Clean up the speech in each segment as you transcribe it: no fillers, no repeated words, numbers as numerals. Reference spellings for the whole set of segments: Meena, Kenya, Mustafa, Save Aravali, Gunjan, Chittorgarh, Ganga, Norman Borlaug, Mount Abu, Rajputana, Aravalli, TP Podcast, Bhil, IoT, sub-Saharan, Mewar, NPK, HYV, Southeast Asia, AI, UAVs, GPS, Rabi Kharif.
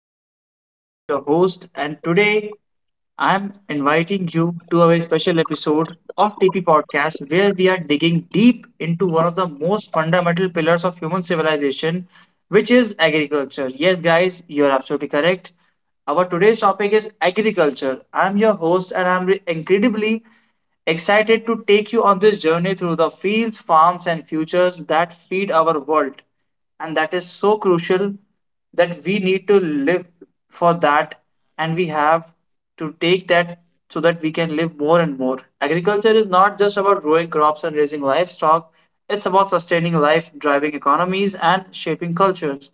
and myself, your host. And today I'm inviting you to a very special episode of TP Podcast where we are digging deep into one of the most fundamental pillars of human civilization, which is agriculture. Yes, guys, you're absolutely correct. Our today's topic is agriculture. I'm your host, and incredibly excited to take you on this journey through the fields, farms, and futures that feed our world and that is so crucial that we need to live for that, and we have to take that so that we can live more and more. Agriculture is not just about growing crops and raising livestock. It's about sustaining life, driving economies, and shaping cultures.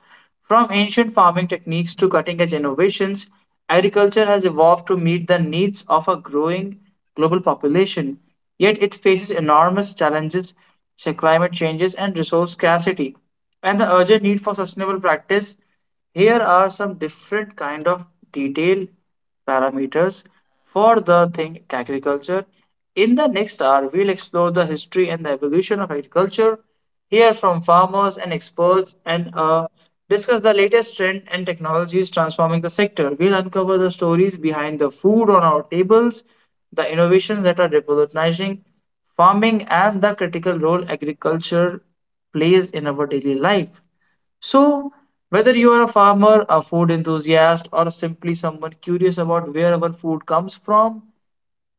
From ancient farming techniques to cutting edge innovations, agriculture has evolved to meet the needs of a growing global population. Yet it faces enormous challenges such as climate changes and resource scarcity, and the urgent need for sustainable practice. Here are some different kind of detail parameters for the thing agriculture. In the next hour, we'll explore the history and the evolution of agriculture, hear from farmers and experts, and discuss the latest trend and technologies transforming the sector. We'll uncover the stories behind the food on our tables, the innovations that are revolutionizing farming, and the critical role agriculture plays in our daily life. So, whether you are a farmer, a food enthusiast, or simply someone curious about where our food comes from,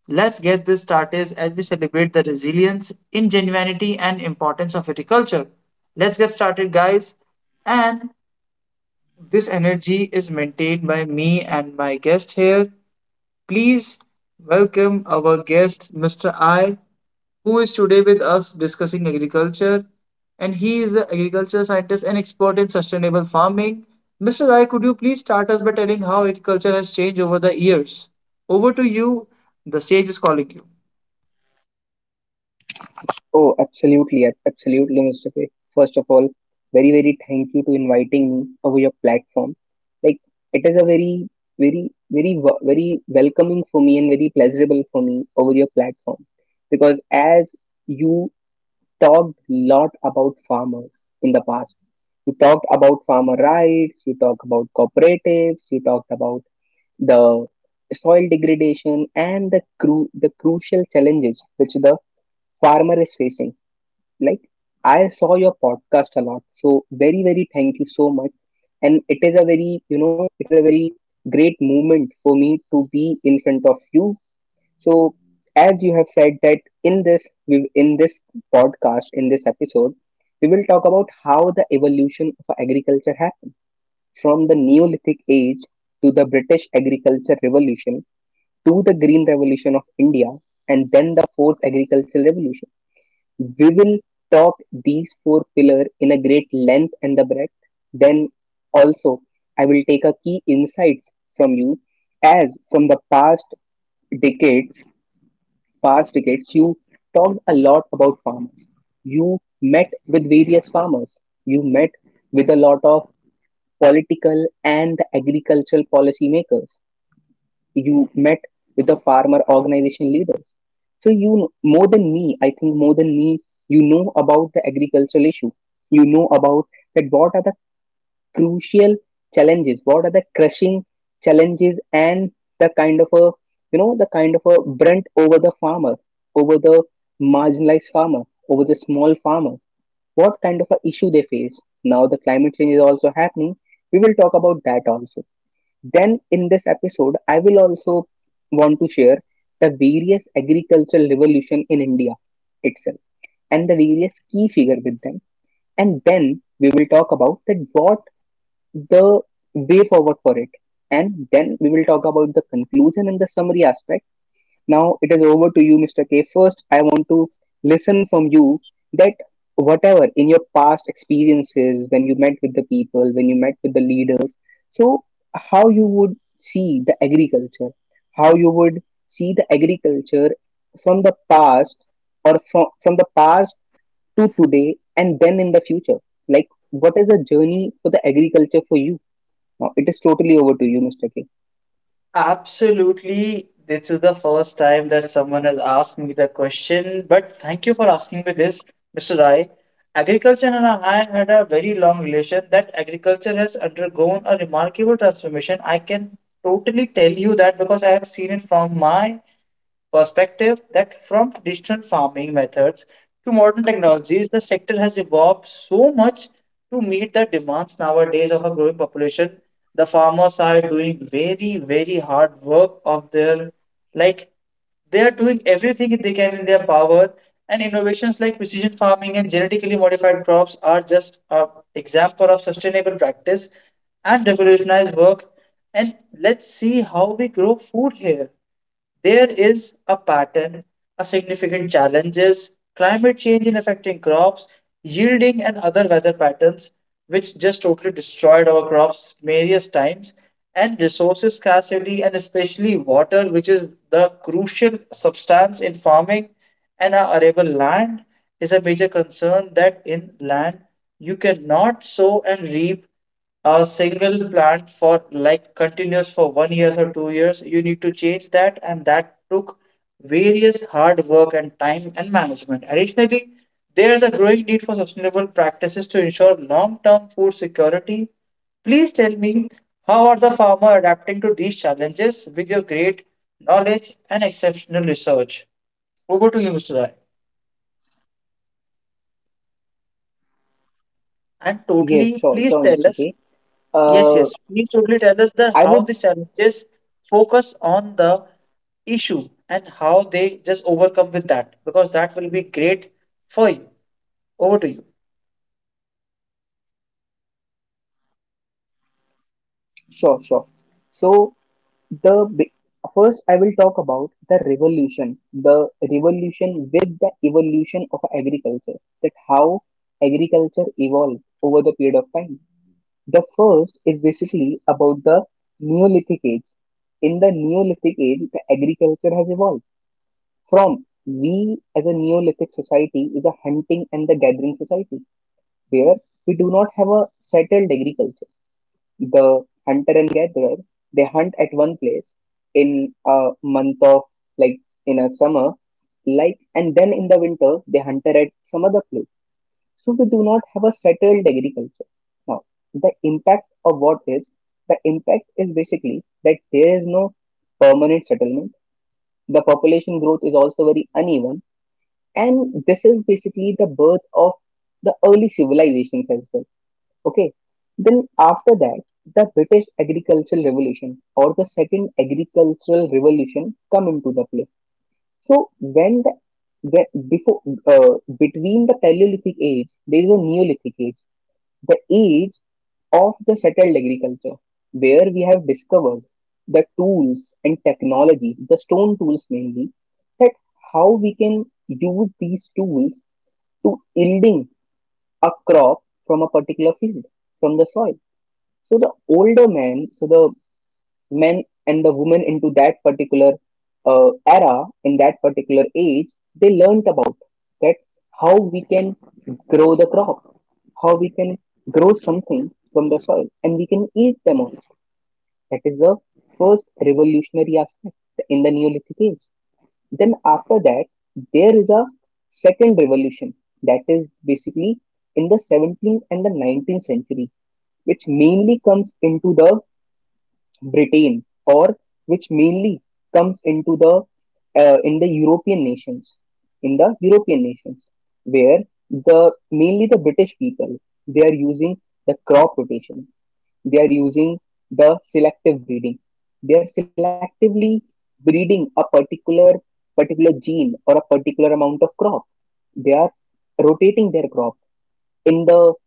let's get this started as we celebrate the resilience, ingenuity, and importance of viticulture. Let's get started, guys. And this energy is maintained by me and my guest here. Please welcome our guest, Mr. I, who is today with us discussing agriculture. And he is an agriculture scientist and expert in sustainable farming. Mr. I, could you please start us by telling how agriculture has changed over the years? Over to you. The stage is calling you. Oh, absolutely, absolutely, Mustafa. First of all, very, very thank you to inviting me over your platform. Like, it is a very, very welcoming for me and very pleasurable for me over your platform because as you talked lot about farmers in the past, you talked about farmer rights, you talked about cooperatives, you talked about the soil degradation and the the crucial challenges which the farmer is facing like, I saw your podcast a lot, so very, very thank you so much. And it is a very, it is a very great moment for me to be in front of you. So, as you have said that in in this podcast, in this episode we will talk about how the evolution of agriculture happened from the Neolithic age to the British agriculture revolution to the green revolution of India and then the fourth agricultural revolution. We will talk these four pillars in a great length and the breadth. Then also I will take a key insights from you as from the decades, past decades you talked a lot about farmers. You met with various farmers. You met with a lot of political and agricultural policy makers, you met with the farmer organization leaders, so you, more than me, I think more than me, you know about the agricultural issue, you know about that what are the crucial challenges, what are the crushing challenges and the kind of a, you know, the kind of a brunt over the farmer, over the marginalized farmer, over the small farmer, what kind of a issue they face. Now the climate change is also happening, we will talk about that also. Then, in this episode, I will also want to share the various agricultural revolution in India itself and the various key figure with them. And then we will talk about the what the way forward for it. And then we will talk about the conclusion and the summary aspect. Now it is over to you, Mr. K. First, I want to listen from you that whatever in your past experiences, when you met with the people, when you met with the leaders, so how you would see the agriculture, how you would see the agriculture from the past or from the past to today and then in the future. Like, what is the journey for the agriculture for you? Now, it is totally over to you, Mr. K. Absolutely. This is the first time that someone has asked me the question, but thank you for asking me this, Mr. Rai. Agriculture and I had a very long relation that agriculture has undergone a remarkable transformation. I can totally tell you that because I have seen it from my perspective that from traditional farming methods to modern technologies, the sector has evolved so much to meet the demands nowadays of a growing population. The farmers are doing very, very hard work of their, like, they are doing everything they can in their power, and innovations like precision farming and genetically modified crops are just an example of sustainable practice and revolutionized work. And let's see how we grow food here. There is a pattern, a significant challenges, climate change in affecting crops, yielding and other weather patterns, which just totally destroyed our crops various times, and resources scarcity, and especially water, which is the crucial substance in farming. And our arable land is a major concern, that in land you cannot sow and reap a single plant for like continuous for one year or 2 years. You need to change that, and that took various hard work and time and management. Additionally, there is a growing need for sustainable practices to ensure long-term food security. Please tell me, how are the farmer adapting to these challenges with your great knowledge and exceptional research? Over to you, Mr. Rai. And totally Yes, sure, please sure, tell Mr. us. K. Yes, yes. Uh, Please totally tell us the I how would. these challenges focus on the issue and how they just overcome with that, because that will be great for you. Over to you. Sure, sure. So the big- first I will talk about the revolution with the evolution of agriculture, that how agriculture evolved over the period of time. The first is basically about the Neolithic age. In the Neolithic age, the agriculture has evolved from we as a Neolithic society is a hunting and the gathering society where we do not have a settled agriculture. The hunter and gatherer, they hunt at one place in a month of, like, in a summer, like, and then in the winter they hunted at some other place, so we do not have a settled agriculture. Now the impact of what is, the impact is basically that there is no permanent settlement, the population growth is also very uneven, and this is basically the birth of the early civilizations as well. Okay. Then after that, the British agricultural revolution or the second agricultural revolution come into the play. So when the, when before, between the Paleolithic age, there is a Neolithic age, the age of the settled agriculture, where we have discovered the tools and technologies, the stone tools mainly, that how we can use these tools to yielding a crop from a particular field from the soil. So the older men, so the men and the women into that particular era, in that particular age, they learnt about that how we can grow the crop, how we can grow something from the soil, and we can eat them also. That is the first revolutionary aspect in the Neolithic age. Then after that, there is a second revolution that is basically in the 17th and the 19th century which mainly comes into the Britain, or which mainly comes into the in the European nations, in the European nations, where the mainly the British people, they are using the crop rotation, they are using the selective breeding, they are selectively breeding a particular gene or a particular amount of crop. They are rotating their crop in the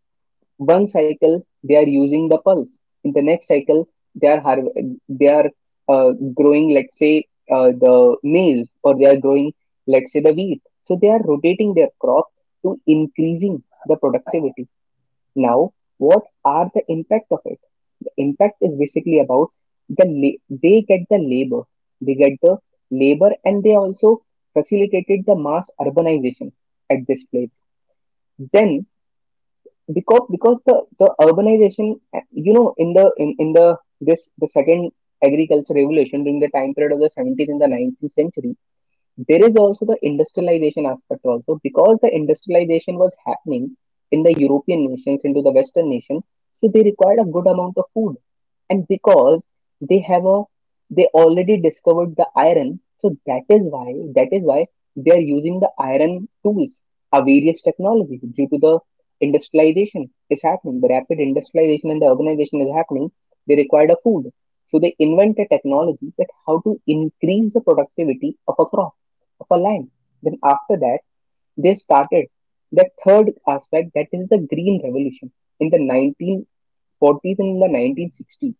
one cycle they are using the pulse, in the next cycle they they are growing let's say the maize, or they are growing let's say the wheat, so they are rotating their crop to increasing the productivity. Now what are the impact of it? The impact is basically about they get the labor, they get the labor and they also facilitated the mass urbanization at this place. Then because the urbanization, in the this the second agriculture revolution during the time period of the 70s and the 19th century, there is also the industrialization aspect also because the industrialization was happening in the European nations, into the Western nations, so they required a good amount of food. And because they have a, they already discovered the iron, so that is why they are using the iron tools, a various technologies. Due to the industrialization is happening, the rapid industrialization and the urbanization is happening, they required a food, so they invent a technology that how to increase the productivity of a crop for land. Then after that, they started the third aspect that is the green revolution in the 1940s and in the 1960s,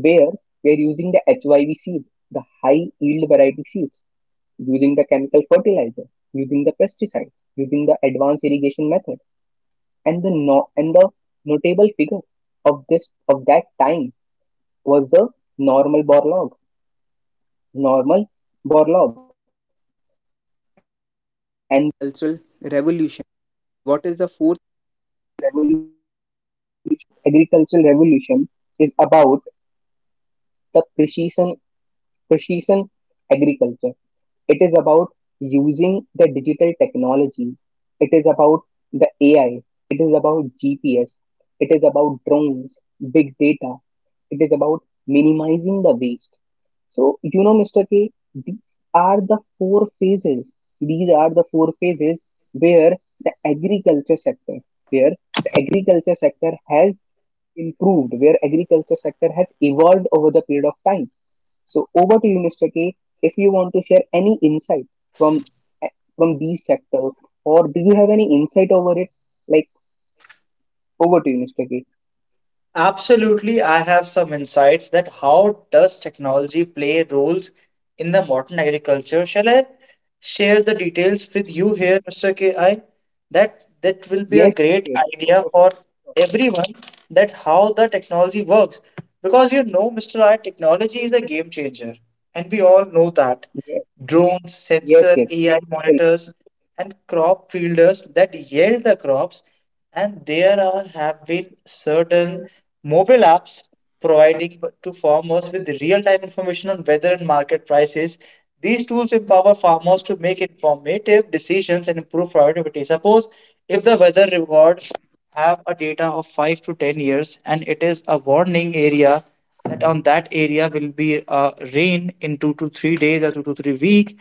where we are using the HYV seed, the high yield variety seeds, using the chemical fertilizer, using the pesticide, using the advanced irrigation method, and the and the notable figure of this of that time was the normal Borlaug. Normal the precision agriculture. It is about using the digital technologies. It is about the AI. It is about GPS. It about drones, big data. It is about minimizing the waste. So, you know, Mr. K, these are the four phases. These are the four phases where the agriculture sector, where the agriculture sector has improved, where agriculture sector has evolved over the period of time. So over to you, Mr. K, if you want to share any insight from these sectors, or do you have any insight over it? Like over to you, Mr. K. Absolutely, I have some insights that how does technology play roles in the modern agriculture? Shall I share the details with you here, Mr. KI? That will be a great Yes, yes, idea yes. for Of course, everyone, of course. that how the technology works. Because you know, Mr. I, technology is a game changer, and we all know that. Yes, Drones, sensor, AI yes, yes. monitors, Well, and crop fielders that yield the crops, and there are have been certain mobile apps providing to farmers with real-time information on weather and market prices. These tools empower farmers to make informative decisions and improve productivity. Suppose if the weather records have a data of 5 to 10 years and it is a warning area that on that area will be rain in 2 to 3 days or 2 to 3 week,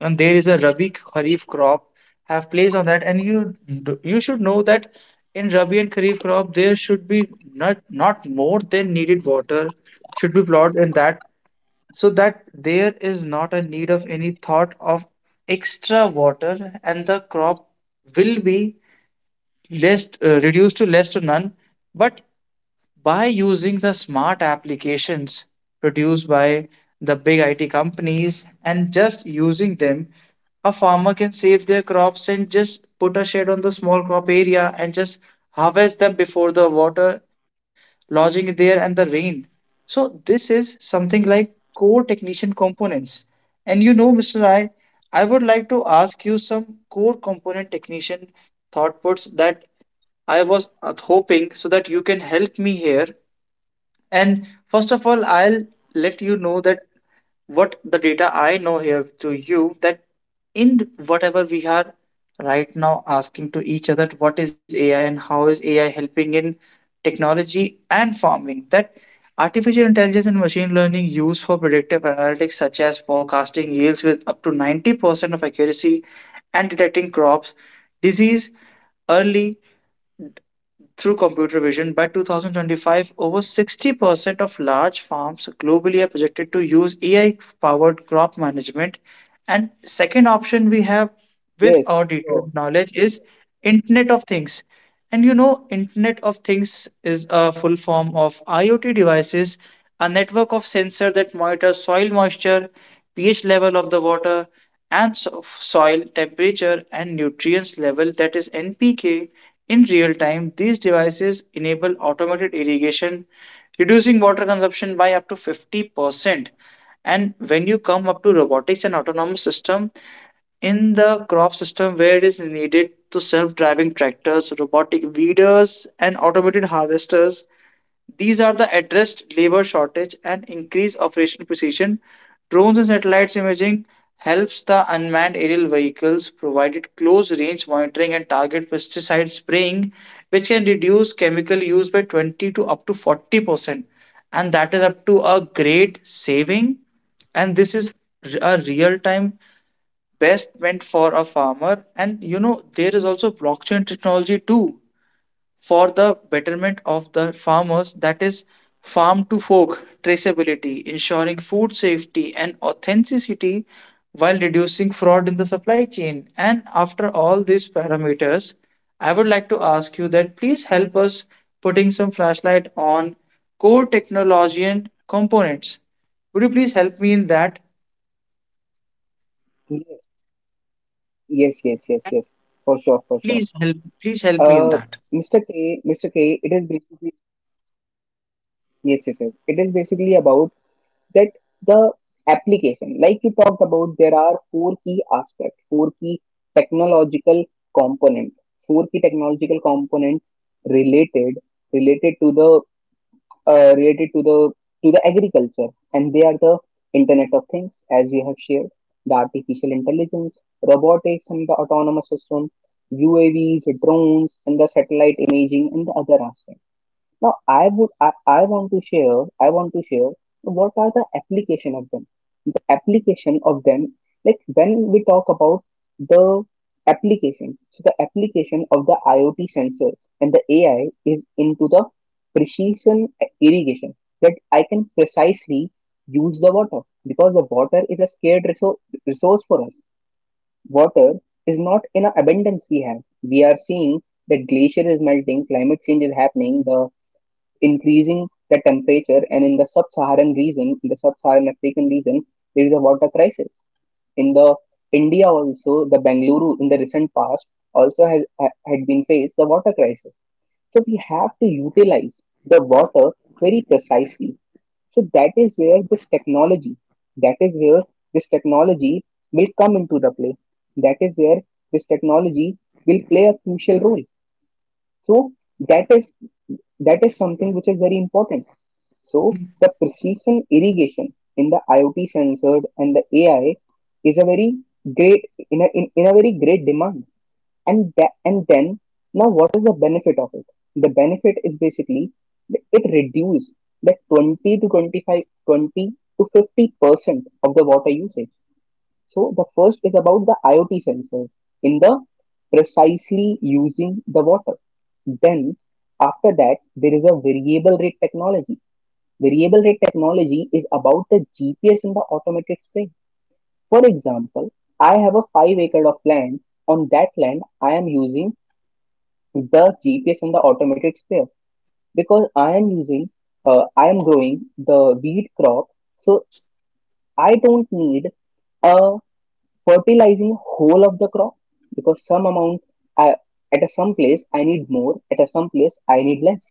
and there is a Rabi Kharif crop have placed on that, and you should know that in Rabi and Kharif crop there should be not more than needed water should be plowed in that, so that there is not a need of any thought of extra water, and the crop will be less, reduced to less to none. But by using the smart applications produced by the big IT companies and just using them, a farmer can save their crops and just put a shade on the small crop area and just harvest them before the water lodging there and the rain. So this is something like core technician components. And you know, Mr. I would like to ask you some core component technician thought puts that I was hoping so that you can help me here. And first of all, I'll let you know that what the data I know here to you, that in whatever we are right now asking to each other what is AI and how is AI helping in technology and farming, that artificial intelligence and machine learning used for predictive analytics such as forecasting yields with up to 90% of accuracy and detecting crops disease early through computer vision. By 2025, over 60% of large farms globally are projected to use AI-powered crop management. And second option we have with yes. our Sure. detailed knowledge is Internet of Things. And you know, Internet of Things is a full form of IoT devices, a network of sensors that monitor soil moisture, pH level of the water, and soil temperature and nutrients level, that is NPK, in real time. These devices enable automated irrigation, reducing water consumption by up to 50%. And when you come up to robotics and autonomous system, in the crop system where it is needed to self-driving tractors, robotic weeders, and automated harvesters, these are the addressed labor shortage and increased operational precision. Drones and satellites imaging helps the unmanned aerial vehicles provided close range monitoring and target pesticide spraying, which can reduce chemical use by 20 to up to 40%. And that is up to a great saving. And this is a real time best meant for a farmer. And you know, there is also blockchain technology too for the betterment of the farmers, that is farm to fork traceability ensuring food safety and authenticity while reducing fraud in the supply chain. And after all these parameters, I would like to ask you that please help us putting some flashlight on core technology and components. Would you please help me in that, Yes, yes, yes, yes, and yes. For sure, for sure. please help me in Uh, that? Mr. K, Mr. K, it is basically yes, yes, yes. It is basically about that the application, like you talked about, there are four key aspects, technological component, four key technological component related, related to the related to the agriculture, and they are the Internet of Things, as you have shared, the artificial intelligence, robotics, and the autonomous system, UAVs, drones, and the satellite imaging, and the other aspects. Now, I want to share, I want to share what are the application of them. The application of them, like when we talk about the application, so the application of the IoT sensors and the AI is into the precision irrigation that I can precisely use the water because the water is a scarce resource for us. Water is not in a abundance we have. We are seeing that glacier is melting, climate change is happening, the increasing the temperature, and in the sub-Saharan region, in the sub-Saharan African region Absolutely, Mr. there is a Rai, water you are crisis. absolutely right. In Water the is something India that is also, the used Bengaluru, in the more recent than past needed, also has and had been faced the I water really crisis. wanted So we to have to you that please utilize put some the light on water that. very And precisely. after that, So we that will is help where this each other technology, that is so we where can this put technology a will great come into the detailed, play, thorough that is investigation where this here on technology the will play aspect, a crucial role. that we have So managed that the is, detailed and that is thorough something which is about very technology important. used in So farming. the precision irrigation in the IoT sensor and the AI is a very great in a, in a very great demand. And that and then now what is the benefit of it? The benefit is basically that it reduces the 20 to 25, 20 to 50% of the water usage. So the first is about the IoT sensor in the precisely using the water. Then after that there is a variable rate technology. Variable rate technology is about the GPS in the automated spray. For example, I have a 5 acre of land. On that land, I am using the GPS in the automated sprayer because I am using, I am growing the wheat crop. So I don't need a fertilizing whole of the crop because some amount I, at a some place I need more, at a some place I need less.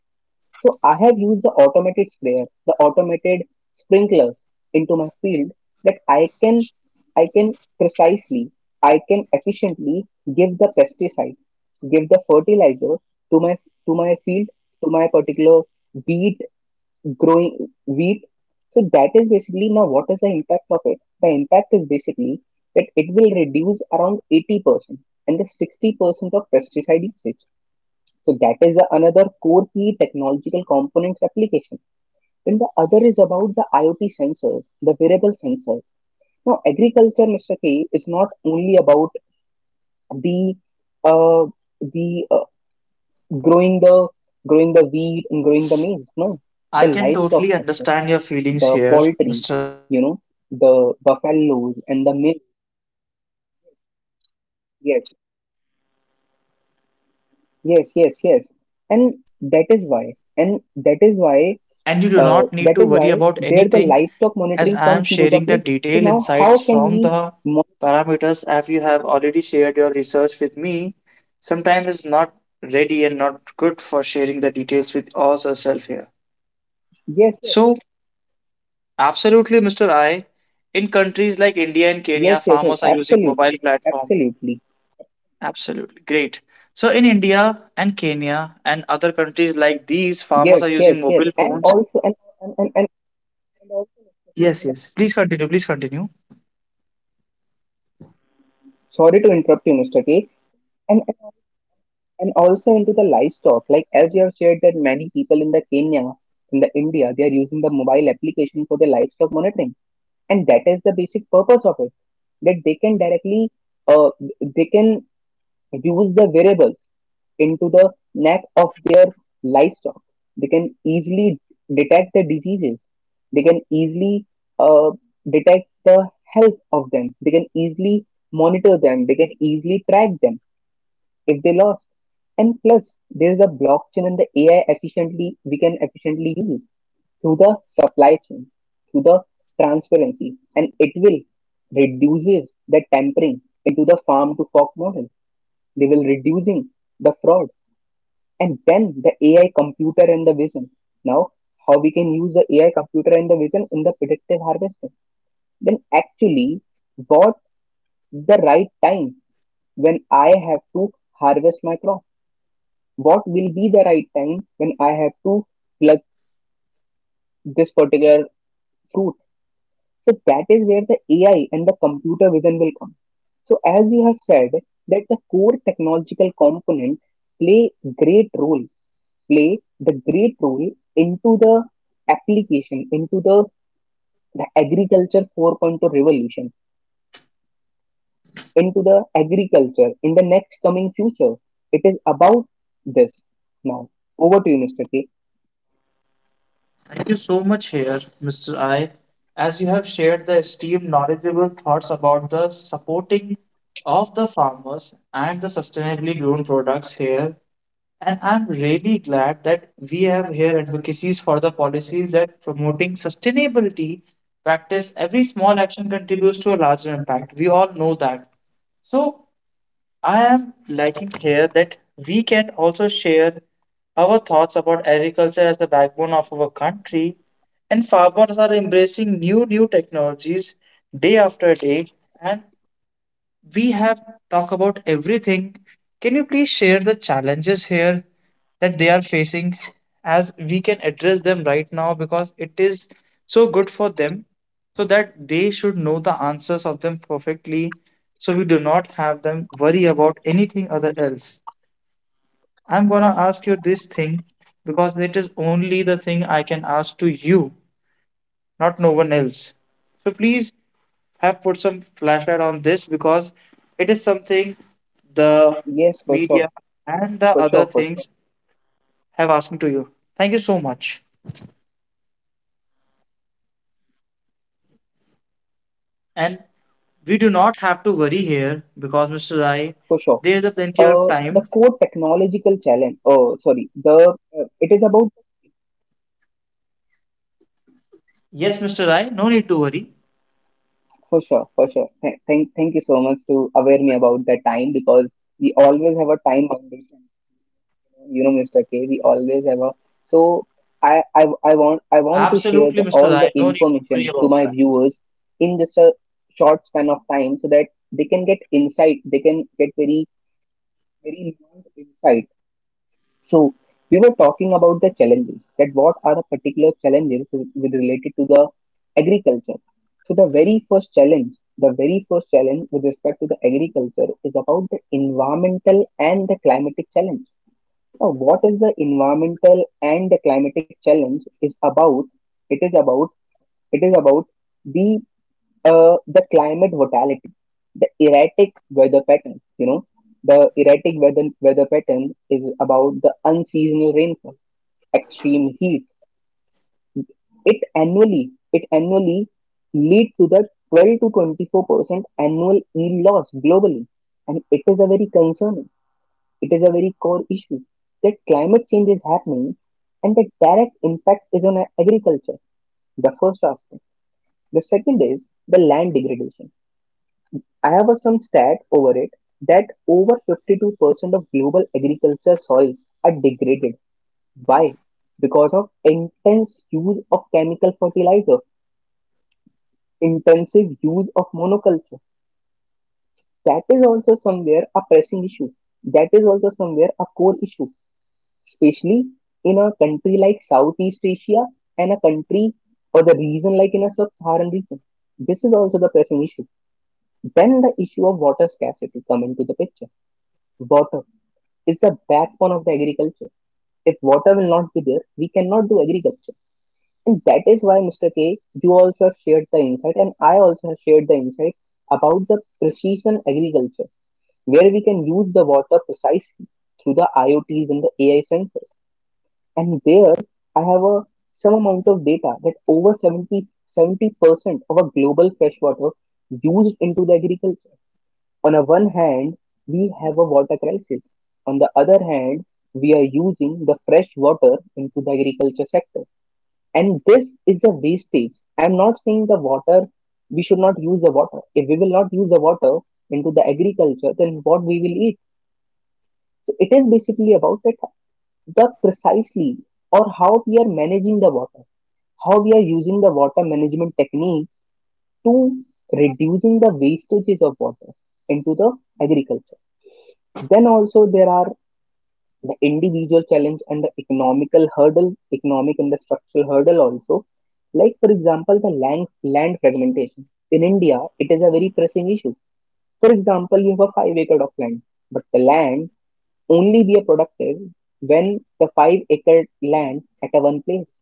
So I have used the automated sprayer, the automated sprinklers into my field that I can precisely, I can efficiently give the pesticide, give the fertilizer to my to my field, to my particular wheat growing wheat. So that is basically now, what is the impact of it? The impact is basically that it will reduce around 80% and the 60% of pesticide usage. So that is the another core key technological components application. Then the other is about the IoT sensors, the wearable sensors. Now, agriculture, Mr. K, is not only about the uh, the growing the growing the wheat and growing the maize. No, I the can livestock totally sector, understand your feelings the here, poultry, Mr. I. you know, So please don't the force yourself, buffaloes and the milk. as I am here also to help you. Yes, I totally get your concern over the thought put yes, yes, here, yes. And and that is why, and you do not that need is to why worry about there the anything, livestock as monitoring I am comes into the sharing play. the So detailed now how insights can from we the mon- parameters as you have already shared your research with me. Sometimes it's not ready and not good for sharing the details with all yourself here. yes, yes, So absolutely, Mr. I. In countries like India and Kenya, yes, yes, yes, farmers are using absolutely, mobile platform. absolutely, Absolutely, great. So in India and Kenya and other countries like these, farmers are yes, using yes, yes, mobile and phones. also and and also Yes, and yes. Please continue. Please continue. sorry to interrupt you, Mr. K, and and and also into the livestock. Like as you have shared that many people in the Kenya, in the India, they are using the mobile application for the livestock monitoring, and that is the basic purpose of it, that they can directly uh, they can use the variables into the neck of their livestock. They can easily detect the diseases. They can easily uh, detect the health of them. They can easily monitor them. They can easily track them if they lost. And plus, there is a blockchain and the AI efficiently we can efficiently use through the supply chain, through the transparency, and it will reduces the tampering into the farm to fork model. They will reducing the fraud. And then the AI computer and the vision. Now, how we can use the AI computer and the vision in the predictive harvesting? Then actually, what the right time when I have to harvest my crop? What will be the right time when I have to pluck this particular fruit? So that is where the AI and the computer vision will come. So as you have said that the core technological component play great role play the great role into the application, into the, the agriculture 4.0 revolution, into the agriculture in the next coming future. It is about this now. Over to you, Mr. K. Thank you so much here, Mr. I, as you have shared the esteemed, knowledgeable thoughts about the supporting of the farmers and the sustainably grown products here. And I'm really glad that we have here advocacies for the policies that promoting sustainability practice. Every small action contributes to a larger impact. We all know that. So I am liking here that we can also share our thoughts about agriculture as the backbone of our country, and farmers are embracing new technologies day after day, and we have talked about everything. Can you please share the challenges here that they are facing as we can address them right now, because it is so good for them, so that they should know the answers of them perfectly, so we do not have them worry about anything other else. I'm gonna ask you this thing because it is only the thing I can ask to you, not no one else. So please have put some flashlight on this because it is something the Yes, for sure, media and the for sure, other for sure, things have asked to you. Thank you so much. And we do not have to worry here because, Mr. Rai, for sure. there is a plenty of time. The core technological challenge. Oh, sorry. The it is about Yes, Mr. Rai, no need to worry. for sure, for sure. Thank you so much to aware me about that time, because we always have a time boundary. You know, Mr. K, we always have a so i i, I want to share Absolutely, the, Mr. all Rai, the no need to worry information about to my viewers in just a short span of time so that they can get insight, they can get very, very nuanced insight. So we were talking about the challenges, that what are the particular challenges with related to the agriculture. So the very first challenge with respect to the agriculture is about the environmental and the climatic challenge. Now, what is the environmental and the climatic challenge is about? It is about it is about the the climate volatility, the erratic weather pattern. You know, the erratic weather pattern is about the unseasonal rainfall, extreme heat. It annually lead to the 12 to 24% annual yield loss globally, and it is a very concern. It is a very core issue, that climate change is happening and the direct impact is on agriculture, the first aspect. The second is the land degradation. I have a some stat over it, that over 52% of global agriculture soils are degraded. Why? Because of intense use of chemical fertilizer, intensive use of monoculture. That is also somewhere a pressing issue. That is also somewhere a core issue. Especially in a country like Southeast Asia and a country or the region like in a sub-Saharan region. This is also the pressing issue. Then the issue of water scarcity come into the picture. Water is the backbone of the agriculture. If water will not be there, we cannot do agriculture. And that is why, Mr. K, you also have shared the insight, and I also have shared the insight about the precision agriculture, where we can use the water precisely through the IoTs and the AI sensors. And there, I have a some amount of data that over seventy percent of our global freshwater used into the agriculture. On the one hand, we have a water crisis. On the other hand, we are using the fresh water into the agriculture sector. And this is a wastage. I'm not saying the water, we should not use the water. If we will not use the water into the agriculture, then what we will eat? So it is basically about that, the precisely, or how we are managing the water, how we are using the water management techniques to reducing the wastages of water into the agriculture. Then also there are the individual challenge and the economical hurdle, economic and the structural hurdle also. Like for example, the land land fragmentation. In India, it is a very pressing issue. For example, you have a 5 acre of land, but the land only be a productive when the 5 acre land at a one place,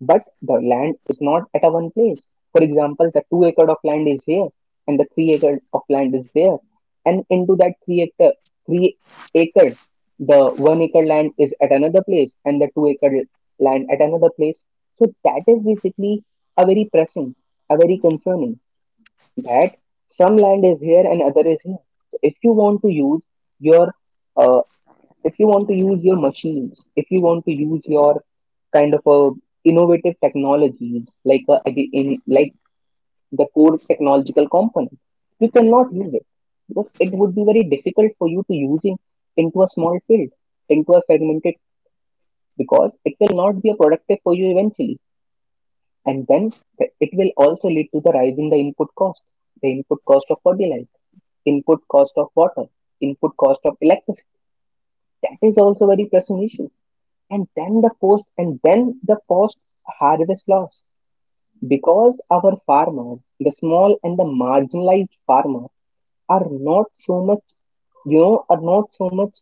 but the land is not at a one place. For example, the 2 acre of land is here and the 3 acre of land is there. And into that three acre, the 1 acre land is at another place and the 2 acre land at another place. So that is basically a very pressing, a very concerning, that some land is here and other is here. So if you want to use your uh, if you want to use your machines, if you want to use your kind of a innovative technologies like a, ag- in like the core technological component, you cannot use it, because it would be very difficult for you to use it into a small field, into a fragmented, because it will not be productive for you eventually, and then it will also lead to the rise in the input cost of fertilizer, input cost of water, input cost of electricity. That is also very pressing issue. And then the post and then the post harvest loss, because our farmers, the small and the marginalized farmer are not so much, you know, are not so much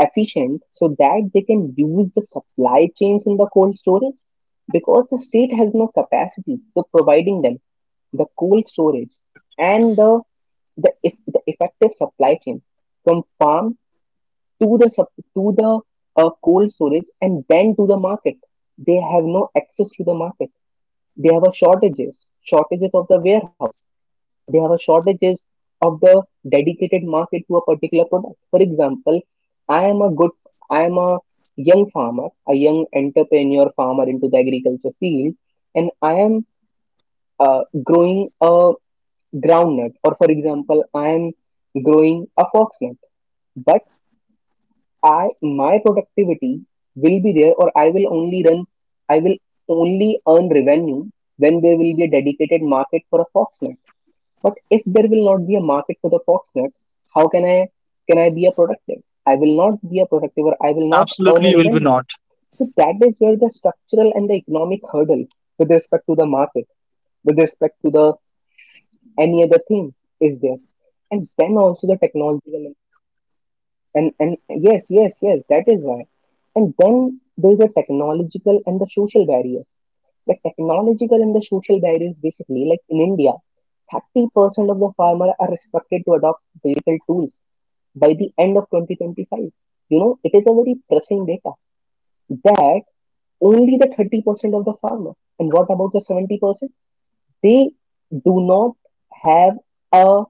efficient, so that they can use the supply chains in the cold storage, because the state has no capacity to providing them the cold storage and the effective supply chain from farm to the cold storage and then to the market. They have no access to the market. They have a shortages of the warehouse. They have a shortages of the dedicated market to a particular product. For example, I am a good, I am a young farmer, a young entrepreneur farmer into the agriculture field, and I am growing a groundnut, or for example, I am growing a foxnut. But I my productivity will be there, or I will only earn revenue when there will be a dedicated market for a Foxnet. But if there will not be a market for the Foxnet, how can I be a productive? I will not be a productive or I will that. not earn Absolutely, a will be revenue. not. So that is where the structural and the economic hurdle with respect to the market, with respect to the any other thing, is there. And then also the technological and yes, yes, yes, that is why, and then there's a technological and the social barrier. The technological and the social barrier is basically like in India, 30% of the farmer are expected to adopt digital tools by the end of 2025. You know, it is a very pressing data, that only the 30% of the farmer, and what about the 70%? They do not have a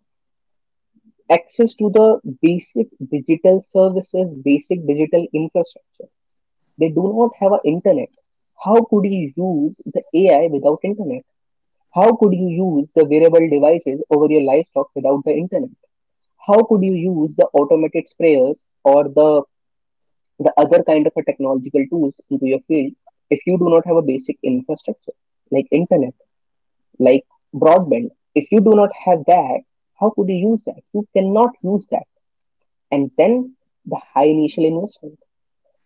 access to the basic digital services, basic digital infrastructure. They do not have an internet. How could you use the AI without internet? How could you use the wearable devices over your livestock without the internet? How could you use the automated sprayers or the other kind of a technological tools into your field, if you do not have a basic infrastructure like internet, like broadband? If you do not have that, how could you use that? You cannot use that. And then the high initial investment.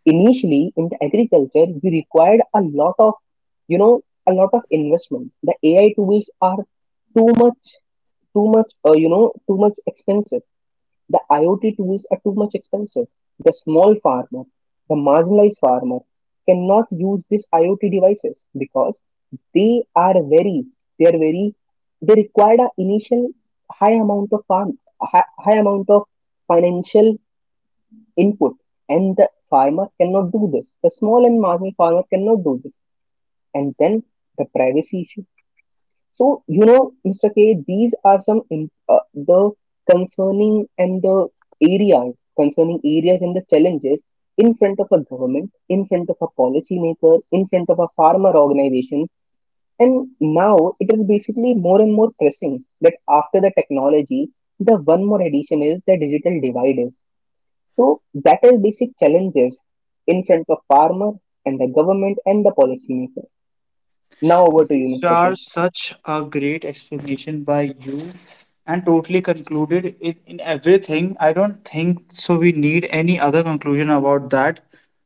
Initially, in the agriculture, you required a lot of, you know, a lot of investment. The AI tools are too much, too much expensive. The IoT tools are too much expensive. The small farmer, the marginalized farmer cannot use these IoT devices, because they are very, they are very, they required a initial high amount of high amount of financial input, and the farmer cannot do this. The small and marginal farmer cannot do this. And then the privacy issue. So, you know, Mr. K, these are some the concerning and the areas, concerning areas and the challenges in front of a government, in front of a policymaker, in front of a farmer organization. And now it is basically more and more pressing, that after the technology, the one more addition is the digital divide is. So that is basic challenges in front of farmer and the government and the policymaker. Now over to you, These Mr. are K. such a great explanation by you and totally concluded in everything. I don't think so. We need any other conclusion about that.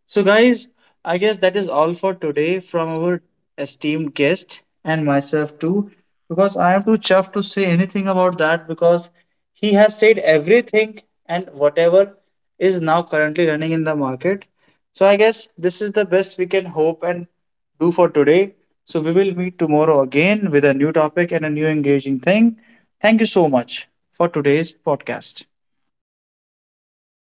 So, guys, I guess that is all for today from our esteemed guest and myself too, because I am too chuffed to say anything about that because he has said everything and whatever is now currently running in the market. So, I guess this is the best we can hope and do for today. So, we will meet tomorrow again with a new topic and a new engaging thing. Thank you so much for today's podcast.